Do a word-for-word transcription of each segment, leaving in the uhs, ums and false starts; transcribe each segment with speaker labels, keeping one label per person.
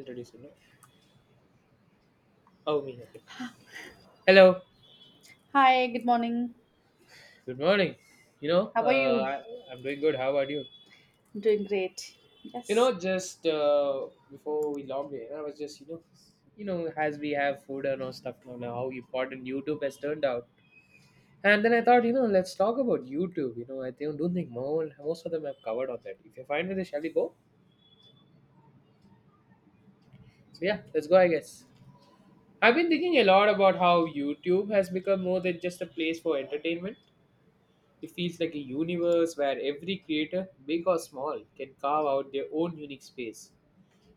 Speaker 1: Introduce you know. Oh, me, okay. Hello.
Speaker 2: Hi, good morning.
Speaker 1: Good morning. You know, uh,
Speaker 2: How are you?
Speaker 1: I, I'm doing good. How about you?
Speaker 2: Doing great.
Speaker 1: You
Speaker 2: Yes.
Speaker 1: know, just uh, before we logged in, I was just you know, you know, as we have food and all stuff now, now how important YouTube has turned out. And then I thought, you know, let's talk about YouTube. You know, I think, don't think more, most of them have covered on that. If you're fine with it, shall we go? So, yeah, let's go. I guess I've been thinking a lot about how YouTube has become more than just a place for entertainment. It feels like a universe where every creator, big or small, can carve out their own unique space.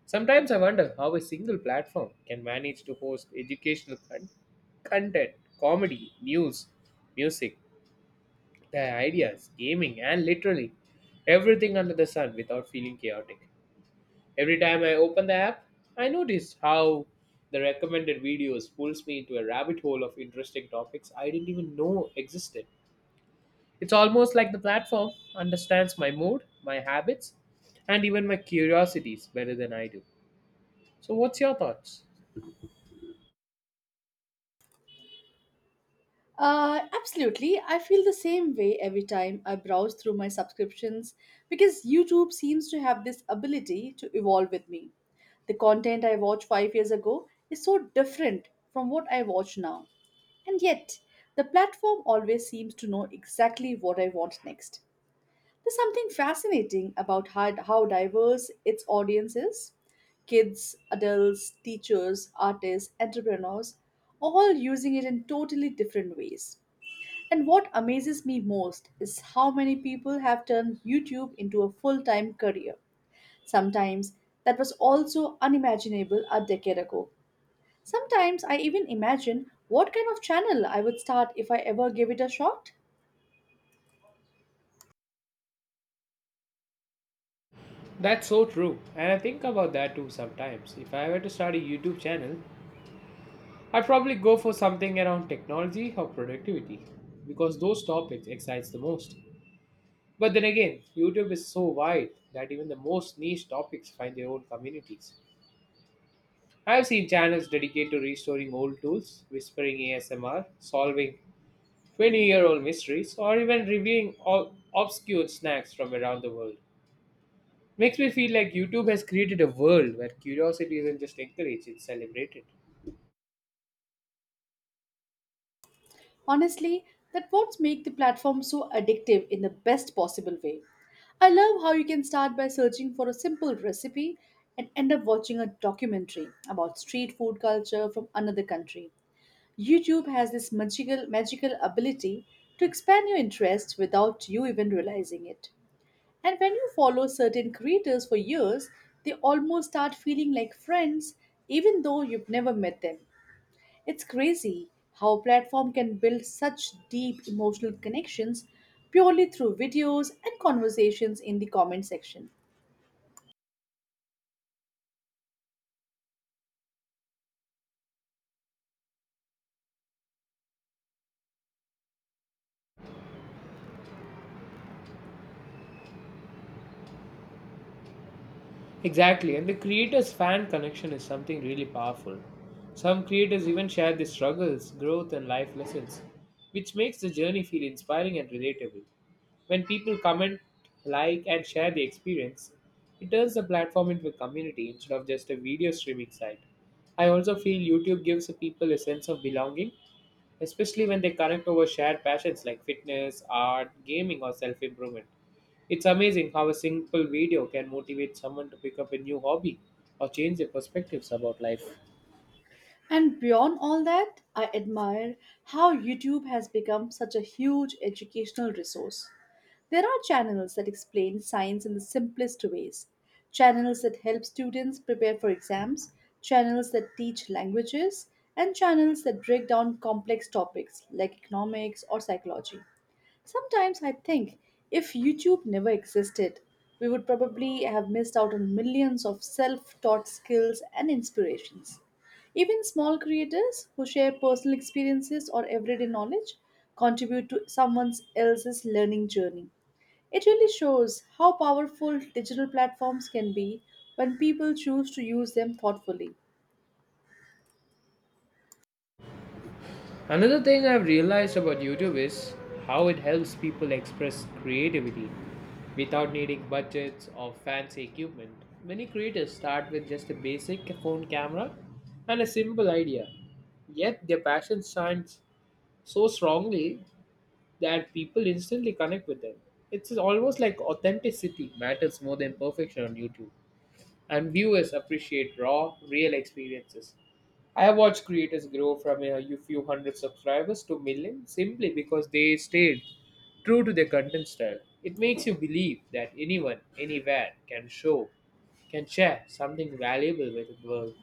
Speaker 1: Sometimes I wonder how a single platform can manage to host educational con- content, comedy, news, music, their ideas, gaming, and literally everything under the sun without feeling chaotic. Every time I open the app, I notice how the recommended videos pulls me into a rabbit hole of interesting topics I didn't even know existed. It's almost like the platform understands my mood, my habits, and even my curiosities better than I do. So, what's your thoughts?
Speaker 2: Uh, absolutely, I feel the same way every time I browse through my subscriptions because YouTube seems to have this ability to evolve with me. The content I watched five years ago is so different from what I watch now. And yet, the platform always seems to know exactly what I want next. There's something fascinating about how, how diverse its audience is. Kids, adults, teachers, artists, entrepreneurs, all using it in totally different ways. And what amazes me most is how many people have turned YouTube into a full time career. Sometimes that was also unimaginable a decade ago. Sometimes I even imagine what kind of channel I would start if I ever gave it a shot.
Speaker 1: That's so true, and I think about that too sometimes. If I were to start a YouTube channel, I'd probably go for something around technology or productivity because those topics excites the most. But then again, YouTube is so wide that even the most niche topics find their own communities. I've seen channels dedicated to restoring old tools, whispering A S M R, solving twenty-year-old mysteries, or even reviewing all obscure snacks from around the world. Makes me feel like YouTube has created a world where curiosity isn't just encouraged, it's celebrated.
Speaker 2: Honestly, that what makes the platform so addictive in the best possible way. I love how you can start by searching for a simple recipe and end up watching a documentary about street food culture from another country. YouTube has this magical magical ability to expand your interests without you even realizing it. And when you follow certain creators for years, they almost start feeling like friends even though you've never met them. It's crazy how a platform can build such deep emotional connections purely through videos and conversations in the comment section.
Speaker 1: Exactly, and the creators' fan connection is something really powerful. Some creators even share their struggles, growth, and life lessons, which makes the journey feel inspiring and relatable. When people comment, like, and share the experience, it turns the platform into a community instead of just a video streaming site. I also feel YouTube gives people a sense of belonging, especially when they connect over shared passions like fitness, art, gaming, or self improvement. It's amazing how a simple video can motivate someone to pick up a new hobby or change their perspectives about life.
Speaker 2: And beyond all that, I admire how YouTube has become such a huge educational resource. There are channels that explain science in the simplest ways, channels that help students prepare for exams, channels that teach languages, and channels that break down complex topics like economics or psychology. Sometimes I think if YouTube never existed, we would probably have missed out on millions of self taught skills and inspirations. Even small creators who share personal experiences or everyday knowledge contribute to someone else's learning journey. It really shows how powerful digital platforms can be when people choose to use them thoughtfully.
Speaker 1: Another thing I've realized about YouTube is how it helps people express creativity without needing budgets or fancy equipment. Many creators start with just a basic phone camera and a simple idea, yet their passion shines so strongly that people instantly connect with them. It's almost like authenticity matters more than perfection on YouTube, and viewers appreciate raw, real experiences. I have watched creators grow from a few hundred subscribers to millions simply because they stayed true to their content style. It makes you believe that anyone, anywhere can show, can share something valuable with the world.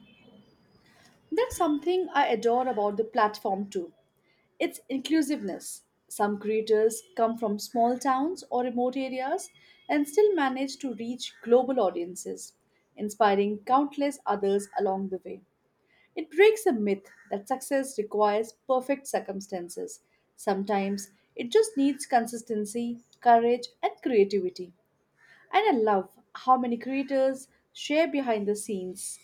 Speaker 2: That's something I adore about the platform too. It's inclusiveness. Some creators come from small towns or remote areas and still manage to reach global audiences, inspiring countless others along the way. It breaks a myth that success requires perfect circumstances. Sometimes it just needs consistency, courage, and creativity. And I love how many creators share behind the scenes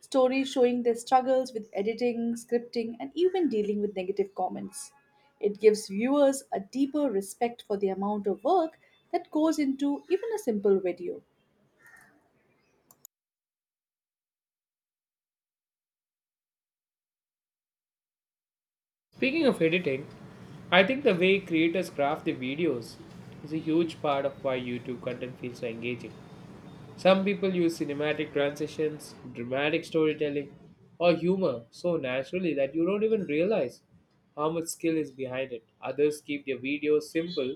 Speaker 2: stories showing their struggles with editing, scripting, and even dealing with negative comments. It gives viewers a deeper respect for the amount of work that goes into even a simple video.
Speaker 1: Speaking of editing, I think the way creators craft their videos is a huge part of why YouTube content feels so engaging. Some people use cinematic transitions, dramatic storytelling, or humor so naturally that you don't even realize how much skill is behind it. Others keep their videos simple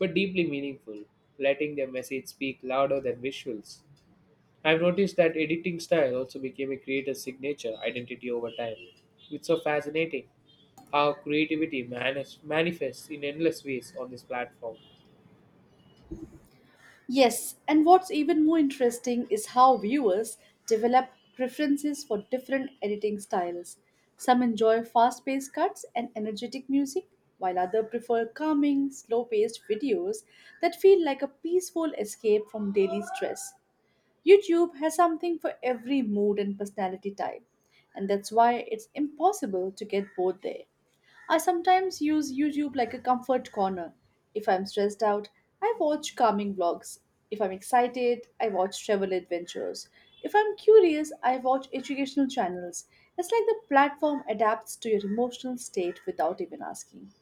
Speaker 1: but deeply meaningful, letting their message speak louder than visuals. I've noticed that editing style also became a creator's signature identity over time. It's so fascinating how creativity manis- manifests in endless ways on this platform.
Speaker 2: Yes, and what's even more interesting is how viewers develop preferences for different editing styles. Some enjoy fast paced cuts and energetic music, while others prefer calming, slow paced videos that feel like a peaceful escape from daily stress. YouTube has something for every mood and personality type, and that's why it's impossible to get bored there. I sometimes use YouTube like a comfort corner. If I'm stressed out, I watch calming vlogs. If I'm excited, I watch travel adventures. If I'm curious, I watch educational channels. It's like the platform adapts to your emotional state without even asking.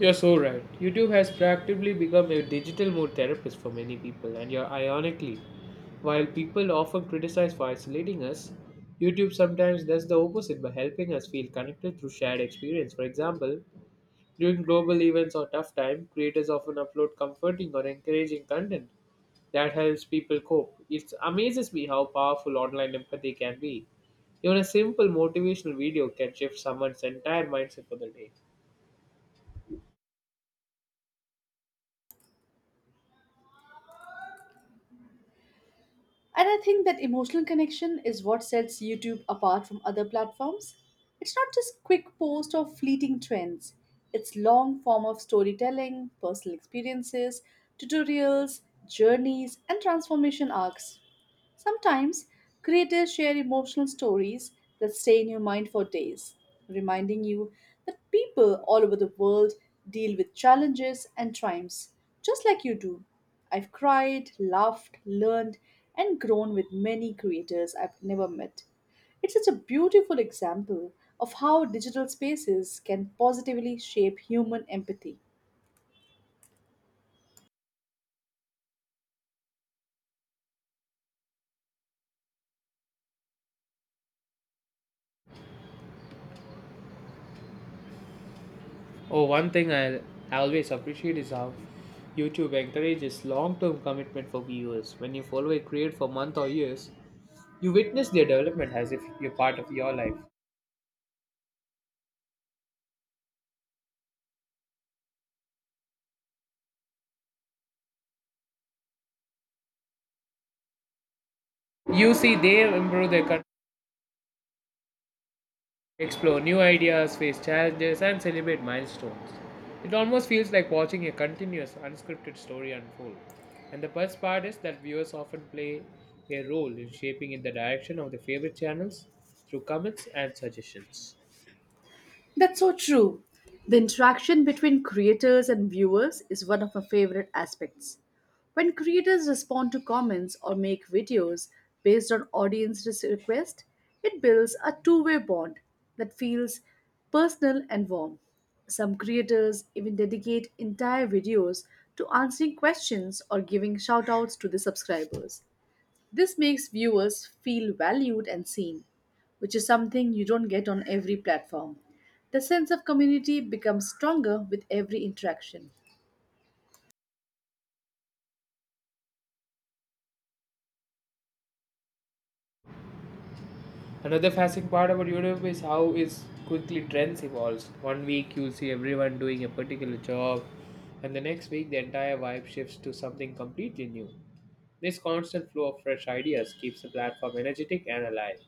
Speaker 1: You're so right. YouTube has practically become a digital mood therapist for many people, and you're ironically, while people often criticize for isolating us, YouTube sometimes does the opposite by helping us feel connected through shared experience. For example, during global events or tough time, creators often upload comforting or encouraging content that helps people cope. It amazes me how powerful online empathy can be. Even a simple motivational video can shift someone's entire mindset for the day.
Speaker 2: And I think that emotional connection is what sets YouTube apart from other platforms. It's not just quick posts or fleeting trends. It's long form of storytelling, personal experiences, tutorials, journeys, and transformation arcs. Sometimes creators share emotional stories that stay in your mind for days, reminding you that people all over the world deal with challenges and triumphs just like you do. I've cried, laughed, learned, and grown with many creators I've never met. It's such a beautiful example of how digital spaces can positively shape human empathy.
Speaker 1: Oh, one thing I always appreciate is how YouTube encourages long-term commitment for viewers. When you follow a creator for months or years, you witness their development as if you're part of your life. You see they improve their explore new ideas, face challenges, and celebrate milestones. It almost feels like watching a continuous, unscripted story unfold. And the best part is that viewers often play a role in shaping in the direction of their favorite channels through comments and suggestions.
Speaker 2: That's so true. The interaction between creators and viewers is one of my favorite aspects. When creators respond to comments or make videos based on audience res- request, it builds a two-way bond that feels personal and warm. Some creators even dedicate entire videos to answering questions or giving shout-outs to the subscribers. This makes viewers feel valued and seen, which is something you don't get on every platform. The sense of community becomes stronger with every interaction.
Speaker 1: Another fascinating part about YouTube is how is quickly trends evolves. One week you'll see everyone doing a particular job, and the next week the entire vibe shifts to something completely new. This constant flow of fresh ideas keeps the platform energetic and alive.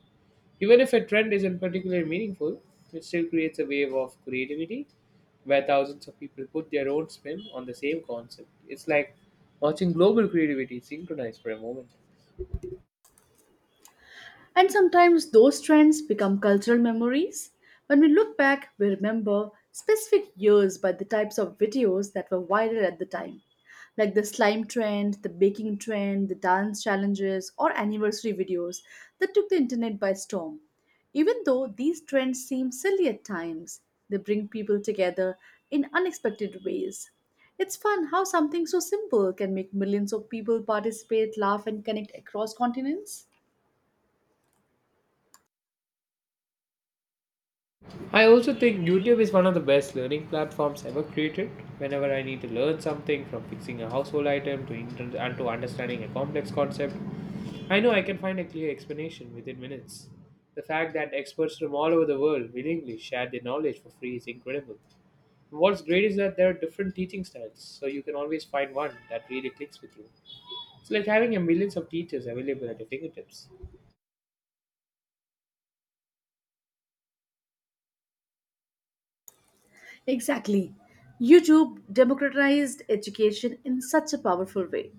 Speaker 1: Even if a trend isn't particularly meaningful, it still creates a wave of creativity where thousands of people put their own spin on the same concept. It's like watching global creativity synchronize for a moment.
Speaker 2: And sometimes those trends become cultural memories. When we look back, we remember specific years by the types of videos that were viral at the time, like the slime trend, the baking trend, the dance challenges, or anniversary videos that took the internet by storm. Even though these trends seem silly at times, they bring people together in unexpected ways. It's fun how something so simple can make millions of people participate, laugh, and connect across continents.
Speaker 1: I also think YouTube is one of the best learning platforms ever created. Whenever I need to learn something, from fixing a household item to inter- and to understanding a complex concept, I know I can find a clear explanation within minutes. The fact that experts from all over the world willingly share their knowledge for free is incredible. What's great is that there are different teaching styles, so you can always find one that really clicks with you. It's like having a millions of teachers available at your fingertips.
Speaker 2: Exactly. YouTube democratized education in such a powerful way.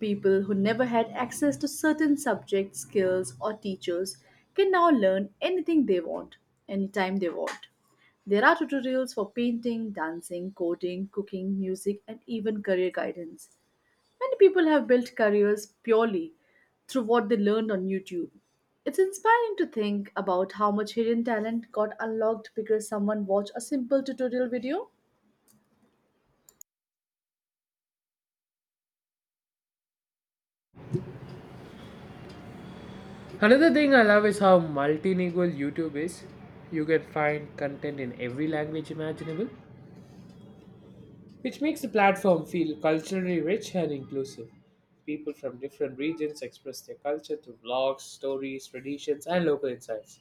Speaker 2: People who never had access to certain subjects, skills, or teachers can now learn anything they want, anytime they want. There are tutorials for painting, dancing, coding, cooking, music, and even career guidance. Many people have built careers purely through what they learned on YouTube. It's inspiring to think about how much hidden talent got unlocked because someone watched a simple tutorial video.
Speaker 1: Another thing I love is how multilingual YouTube is. You can find content in every language imaginable, which makes the platform feel culturally rich and inclusive. People from different regions express their culture through vlogs, stories, traditions, and local insights.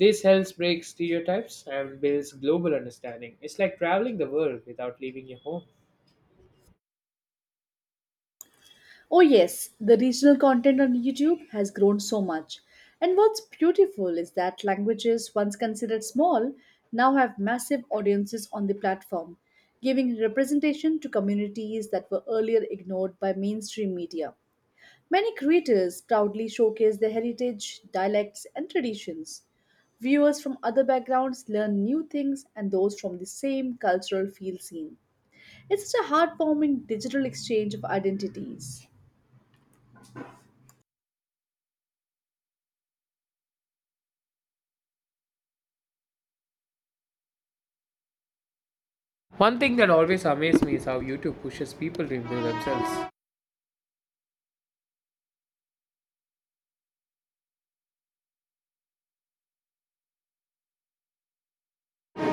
Speaker 1: This helps break stereotypes and builds global understanding. It's like traveling the world without leaving your home.
Speaker 2: Oh, yes, the regional content on YouTube has grown so much. And what's beautiful is that languages once considered small now have massive audiences on the platform, giving representation to communities that were earlier ignored by mainstream media. Many creators proudly showcase their heritage, dialects, and traditions. Viewers from other backgrounds learn new things and those from the same cultural field scene. It's such a heartwarming digital exchange of identities.
Speaker 1: One thing that always amazed me is how YouTube pushes people to improve themselves.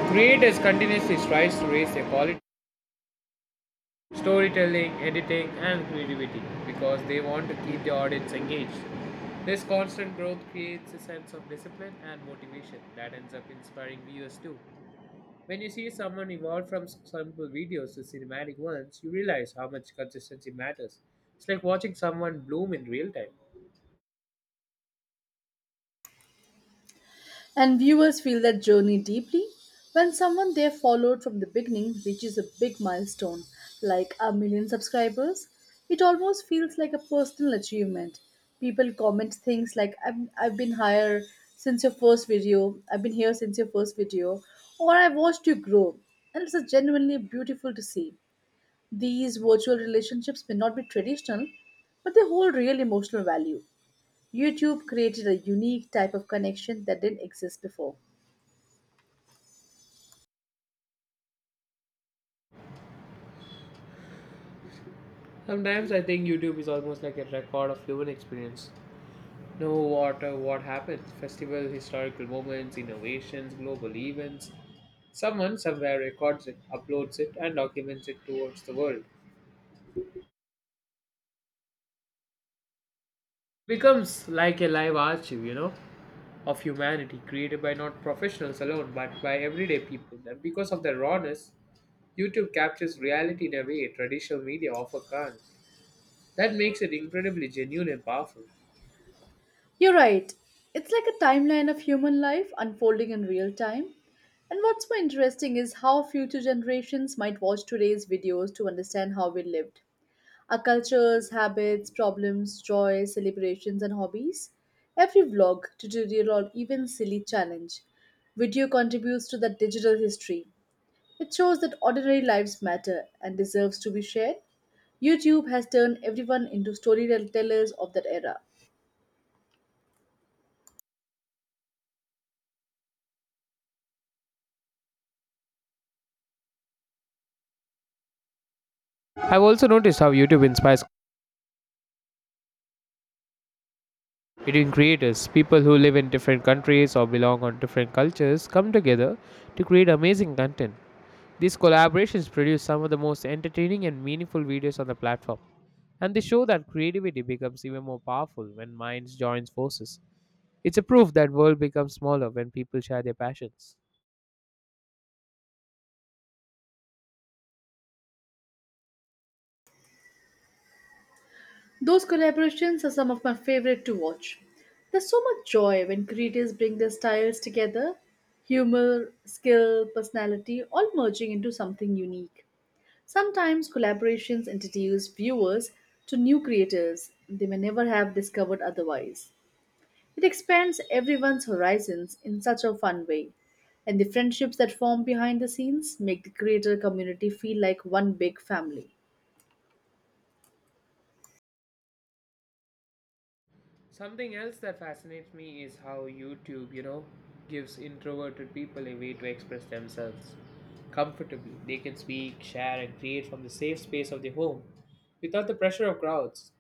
Speaker 1: Creators continuously strive to raise their quality storytelling, editing, and creativity because they want to keep the audience engaged. This constant growth creates a sense of discipline and motivation that ends up inspiring viewers too. When you see someone evolve from s- simple videos to cinematic ones, you realize how much consistency matters. It's like watching someone bloom in real time.
Speaker 2: And viewers feel that journey deeply when someone they followed from the beginning reaches a big milestone, like a million subscribers. It almost feels like a personal achievement. People comment things like, I've, I've been here since your first video, I've been here since your first video, or I watched you grow. And it's a genuinely beautiful to see. These virtual relationships may not be traditional, but they hold real emotional value. YouTube created a unique type of connection that didn't exist before.
Speaker 1: Sometimes I think YouTube is almost like a record of human experience. Know what uh, what happens, festival, historical moments, innovations, global events, someone somewhere records it, uploads it, and documents it towards the world. Becomes like a live archive, you know, of humanity created by not professionals alone but by everyday people. And because of the rawness, YouTube captures reality in a way traditional media often can't. That makes it incredibly genuine and powerful.
Speaker 2: You're right. It's like a timeline of human life unfolding in real time. And what's more interesting is how future generations might watch today's videos to understand how we lived. Our cultures, habits, problems, joys, celebrations, and hobbies. Every vlog, tutorial, or even silly challenge. Video contributes to that digital history. It shows that ordinary lives matter and deserves to be shared. YouTube has turned everyone into storytellers of that era.
Speaker 1: I've also noticed how YouTube inspires between creators. People who live in different countries or belong on different cultures come together to create amazing content. These collaborations produce some of the most entertaining and meaningful videos on the platform, and they show that creativity becomes even more powerful when minds joins forces. It's a proof that world becomes smaller when people share their passions.
Speaker 2: Those collaborations are some of my favorite to watch. There's so much joy when creators bring their styles together humor, skill, personality, all merging into something unique. Sometimes collaborations introduce viewers to new creators they may never have discovered otherwise. It expands everyone's horizons in such a fun way. And the friendships that form behind the scenes make the creator community feel like one big family.
Speaker 1: Something else that fascinates me is how YouTube, you know, gives introverted people a way to express themselves comfortably. They can speak, share, and create from the safe space of their home without the pressure of crowds.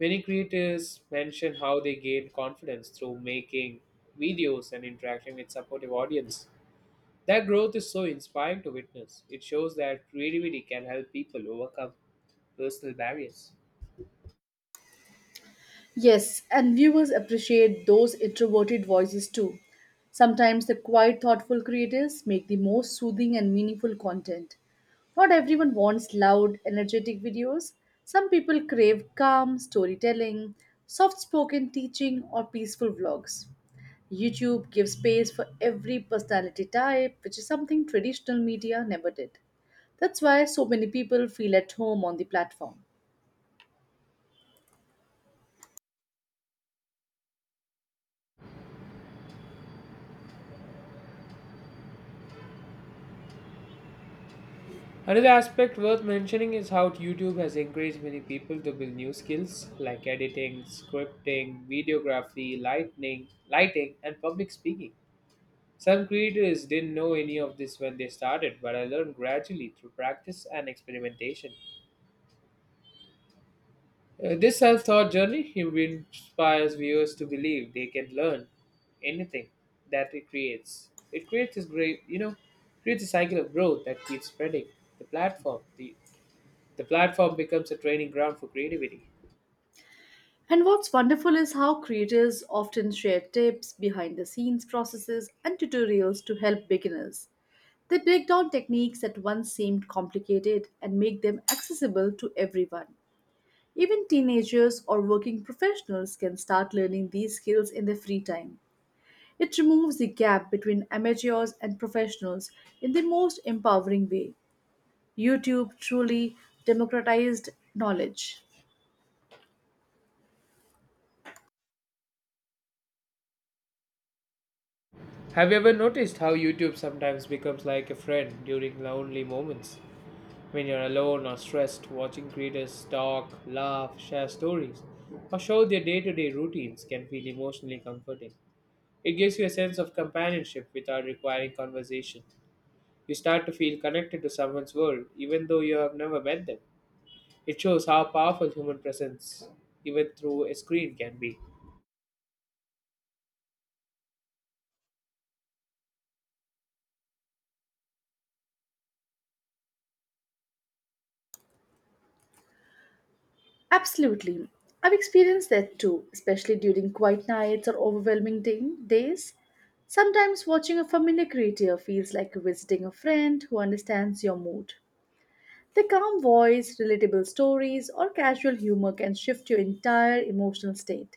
Speaker 1: Many creators mention how they gain confidence through making videos and interacting with supportive audience. That growth is so inspiring to witness. It shows that creativity can help people overcome personal barriers.
Speaker 2: Yes, and viewers appreciate those introverted voices too. Sometimes the quiet, thoughtful creators make the most soothing and meaningful content. Not everyone wants loud, energetic videos. Some people crave calm storytelling, soft spoken teaching, or peaceful vlogs. YouTube gives space for every personality type, which is something traditional media never did. That's why so many people feel at home on the platform.
Speaker 1: Another aspect worth mentioning is how YouTube has encouraged many people to build new skills like editing, scripting, videography, lighting, lighting, and public speaking. Some creators didn't know any of this when they started, but I learned gradually through practice and experimentation. Uh, this self taught journey inspires viewers to believe they can learn anything that it creates. It creates this great, you know, creates a cycle of growth that keeps spreading. The platform, the, the platform becomes a training ground for creativity.
Speaker 2: And what's wonderful is how creators often share tips, behind the scenes processes, and tutorials to help beginners. They break down techniques that once seemed complicated and make them accessible to everyone. Even teenagers or working professionals can start learning these skills in their free time. It removes the gap between amateurs and professionals in the most empowering way. YouTube truly democratized knowledge.
Speaker 1: Have you ever noticed how YouTube sometimes becomes like a friend during lonely moments? When you're alone or stressed, watching creators talk, laugh, share stories, or show their day to day routines can feel emotionally comforting. It gives you a sense of companionship without requiring conversation. You start to feel connected to someone's world, even though you have never met them. It shows how powerful human presence, even through a screen, can be.
Speaker 2: Absolutely. I've experienced that too, especially during quiet nights or overwhelming day- days. Sometimes watching a familiar creature feels like visiting a friend who understands your mood. The calm voice, relatable stories, or casual humor can shift your entire emotional state.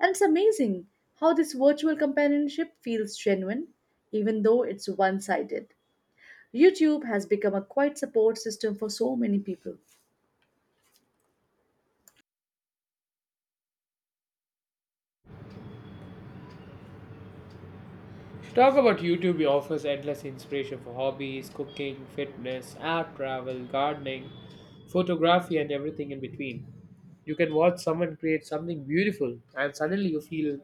Speaker 2: And it's amazing how this virtual companionship feels genuine, even though it's one sided. YouTube has become a quiet support system for so many people.
Speaker 1: Talk about YouTube, it offers endless inspiration for hobbies, cooking, fitness, art, travel, gardening, photography, and everything in between. You can watch someone create something beautiful, and suddenly you feel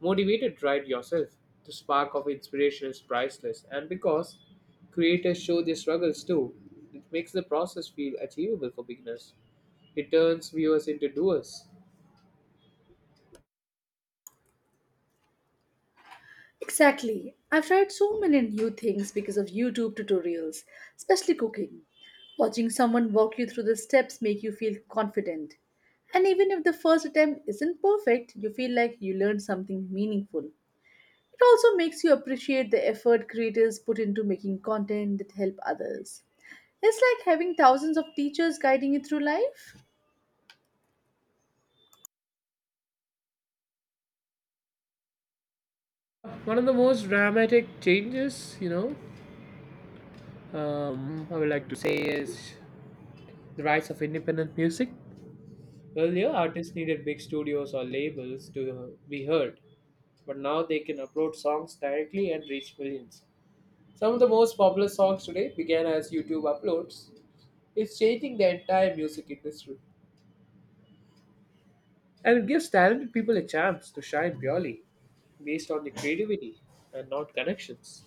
Speaker 1: motivated to write yourself. The spark of inspiration is priceless, and because creators show their struggles too, it makes the process feel achievable for beginners. It turns viewers into doers.
Speaker 2: Exactly. I've tried so many new things because of YouTube tutorials, especially cooking. Watching someone walk you through the steps make you feel confident. And even if the first attempt isn't perfect, you feel like you learned something meaningful. It also makes you appreciate the effort creators put into making content that help others. It's like having thousands of teachers guiding you through life.
Speaker 1: One of the most dramatic changes, you know, um, I would like to say is the rise of independent music. Earlier, artists needed big studios or labels to be heard, but now they can upload songs directly and reach millions. Some of the most popular songs today began as YouTube uploads. It's changing the entire music industry. And it gives talented people a chance to shine purely based on their creativity and not connections.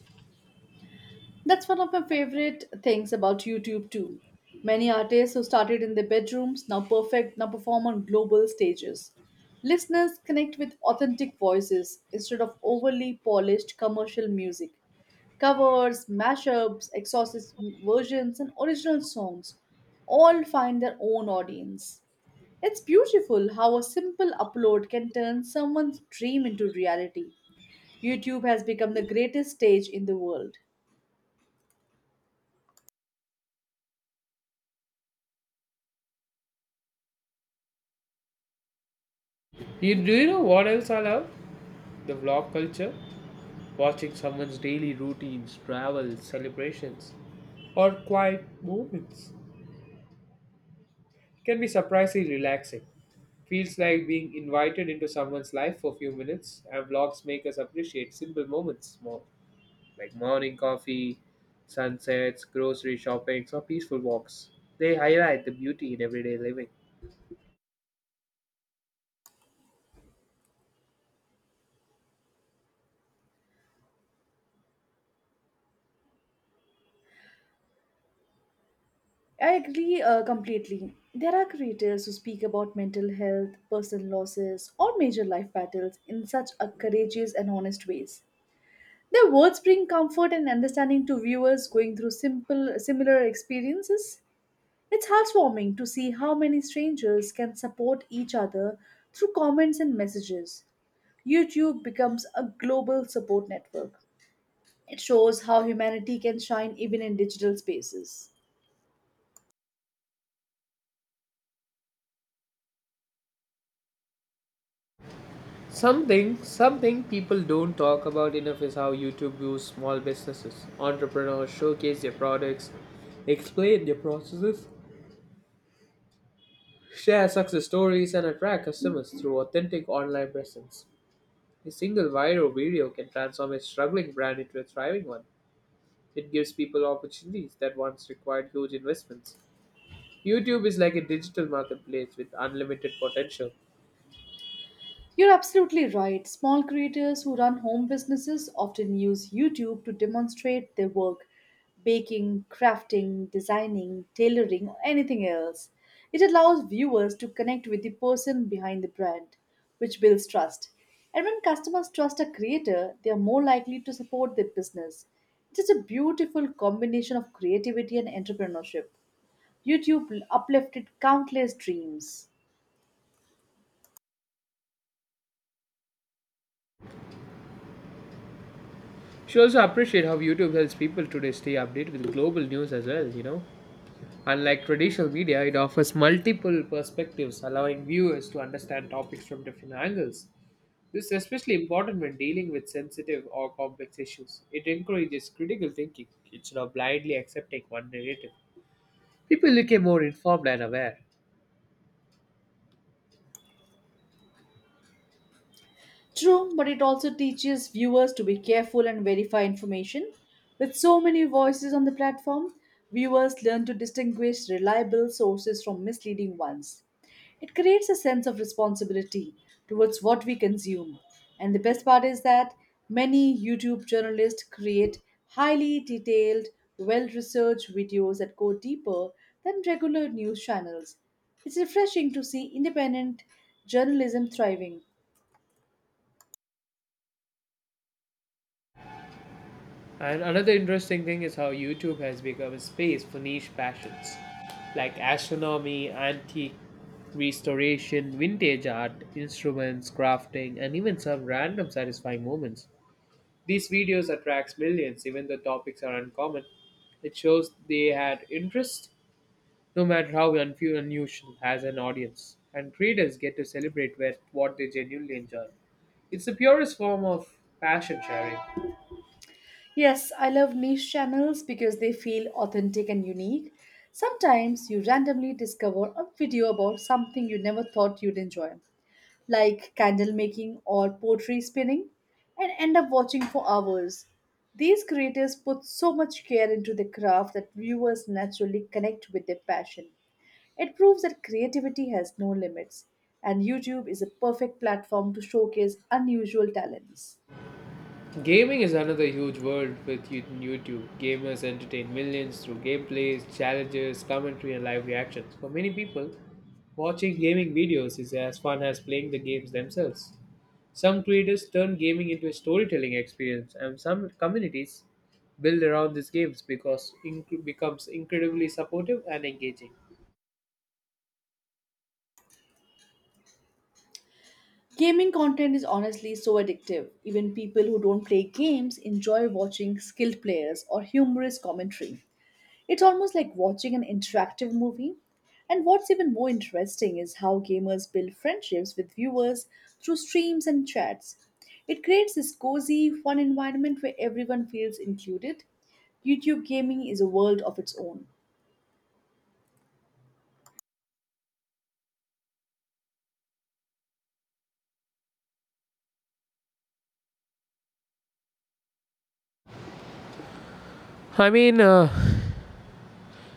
Speaker 2: That's one of my favorite things about YouTube too. Many artists who started in their bedrooms now perfect now perform on global stages. Listeners connect with authentic voices instead of overly polished commercial music. Covers, mashups, exorcist versions, and original songs all find their own audience. It's beautiful how a simple upload can turn someone's dream into reality. YouTube has become the greatest stage in the world.
Speaker 1: You, do you know what else I love? The vlog culture. Watching someone's daily routines, travels, celebrations, or quiet moments can be surprisingly relaxing. Feels like being invited into someone's life for a few minutes, and vlogs make us appreciate simple moments more, like morning coffee, sunsets, grocery shoppings, or peaceful walks. They highlight the beauty in everyday living.
Speaker 2: I agree uh, completely. There are creators who speak about mental health, personal losses, or major life battles in such a courageous and honest ways. Their words bring comfort and understanding to viewers going through simple similar experiences. It's heartwarming to see how many strangers can support each other through comments and messages. YouTube becomes a global support network. It shows how humanity can shine even in digital spaces.
Speaker 1: Something, something people don't talk about enough is how YouTube views small businesses. Entrepreneurs showcase their products, explain their processes, share success stories, and attract customers through authentic online presence. A single viral video can transform a struggling brand into a thriving one. It gives people opportunities that once required huge investments. YouTube is like a digital marketplace with unlimited potential.
Speaker 2: You're absolutely right. Small creators who run home businesses often use YouTube to demonstrate their work baking, crafting, designing, tailoring, or anything else. It allows viewers to connect with the person behind the brand, which builds trust. And when customers trust a creator, they are more likely to support their business. It's just a beautiful combination of creativity and entrepreneurship. YouTube uplifted countless dreams.
Speaker 1: She also appreciate how YouTube helps people today stay updated with global news as well, you know. Unlike traditional media, it offers multiple perspectives, allowing viewers to understand topics from different angles. This is especially important when dealing with sensitive or complex issues. It encourages critical thinking instead of blindly accepting one narrative. People become more informed and aware.
Speaker 2: True, but it also teaches viewers to be careful and verify information. With so many voices on the platform, viewers learn to distinguish reliable sources from misleading ones. It creates a sense of responsibility towards what we consume. And the best part is that many YouTube journalists create highly detailed, well researched videos that go deeper than regular news channels. It's refreshing to see independent journalism thriving.
Speaker 1: And another interesting thing is how YouTube has become a space for niche passions like astronomy, antique restoration, vintage art, instruments, crafting, and even some random satisfying moments. These videos attracts millions even though topics are uncommon. It shows they had interest no matter how unfu- unusual as an audience. And creators get to celebrate with what they genuinely enjoy. It's the purest form of passion sharing.
Speaker 2: Yes, I love niche channels because they feel authentic and unique. Sometimes you randomly discover a video about something you never thought you'd enjoy, like candle making or pottery spinning, and end up watching for hours. These creators put so much care into the craft that viewers naturally connect with their passion. It proves that creativity has no limits, and YouTube is a perfect platform to showcase unusual talents.
Speaker 1: Gaming is another huge world with you- YouTube. Gamers entertain millions through gameplays, challenges, commentary, and live reactions. For many people, watching gaming videos is as fun as playing the games themselves. Some creators turn gaming into a storytelling experience, and some communities build around these games because it becomes incredibly supportive and engaging.
Speaker 2: Gaming content is honestly so addictive. Even people who don't play games enjoy watching skilled players or humorous commentary. It's almost like watching an interactive movie. And what's even more interesting is how gamers build friendships with viewers through streams and chats. It creates this cozy, fun environment where everyone feels included. YouTube gaming is a world of its own.
Speaker 1: I mean, uh,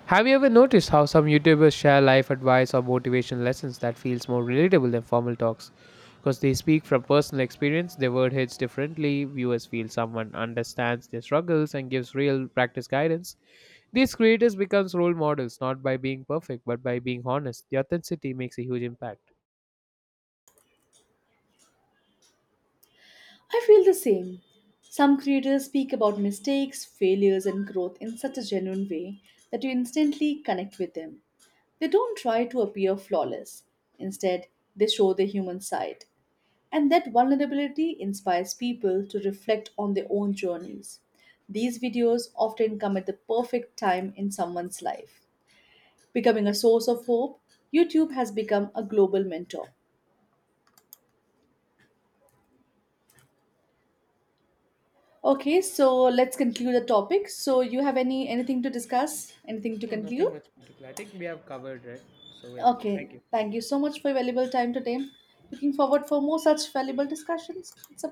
Speaker 1: have you ever noticed how some YouTubers share life advice or motivation lessons that feels more relatable than formal talks? Because they speak from personal experience, their word hits differently, viewers feel someone understands their struggles and gives real practice guidance. These creators becomes role models not by being perfect but by being honest. The authenticity makes a huge impact.
Speaker 2: I feel the same. Some creators speak about mistakes, failures, and growth in such a genuine way that you instantly connect with them. They don't try to appear flawless. Instead, they show the human side. And that vulnerability inspires people to reflect on their own journeys. These videos often come at the perfect time in someone's life. Becoming a source of hope, YouTube has become a global mentor. Okay, so let's conclude the topic. So you have any anything to discuss? Anything to
Speaker 1: Oh, nothing
Speaker 2: conclude?
Speaker 1: much particular. I think we have covered, right? So, yeah,
Speaker 2: Okay,
Speaker 1: thank you.
Speaker 2: thank you so much for your valuable time today. Looking forward for more such valuable discussions. It's a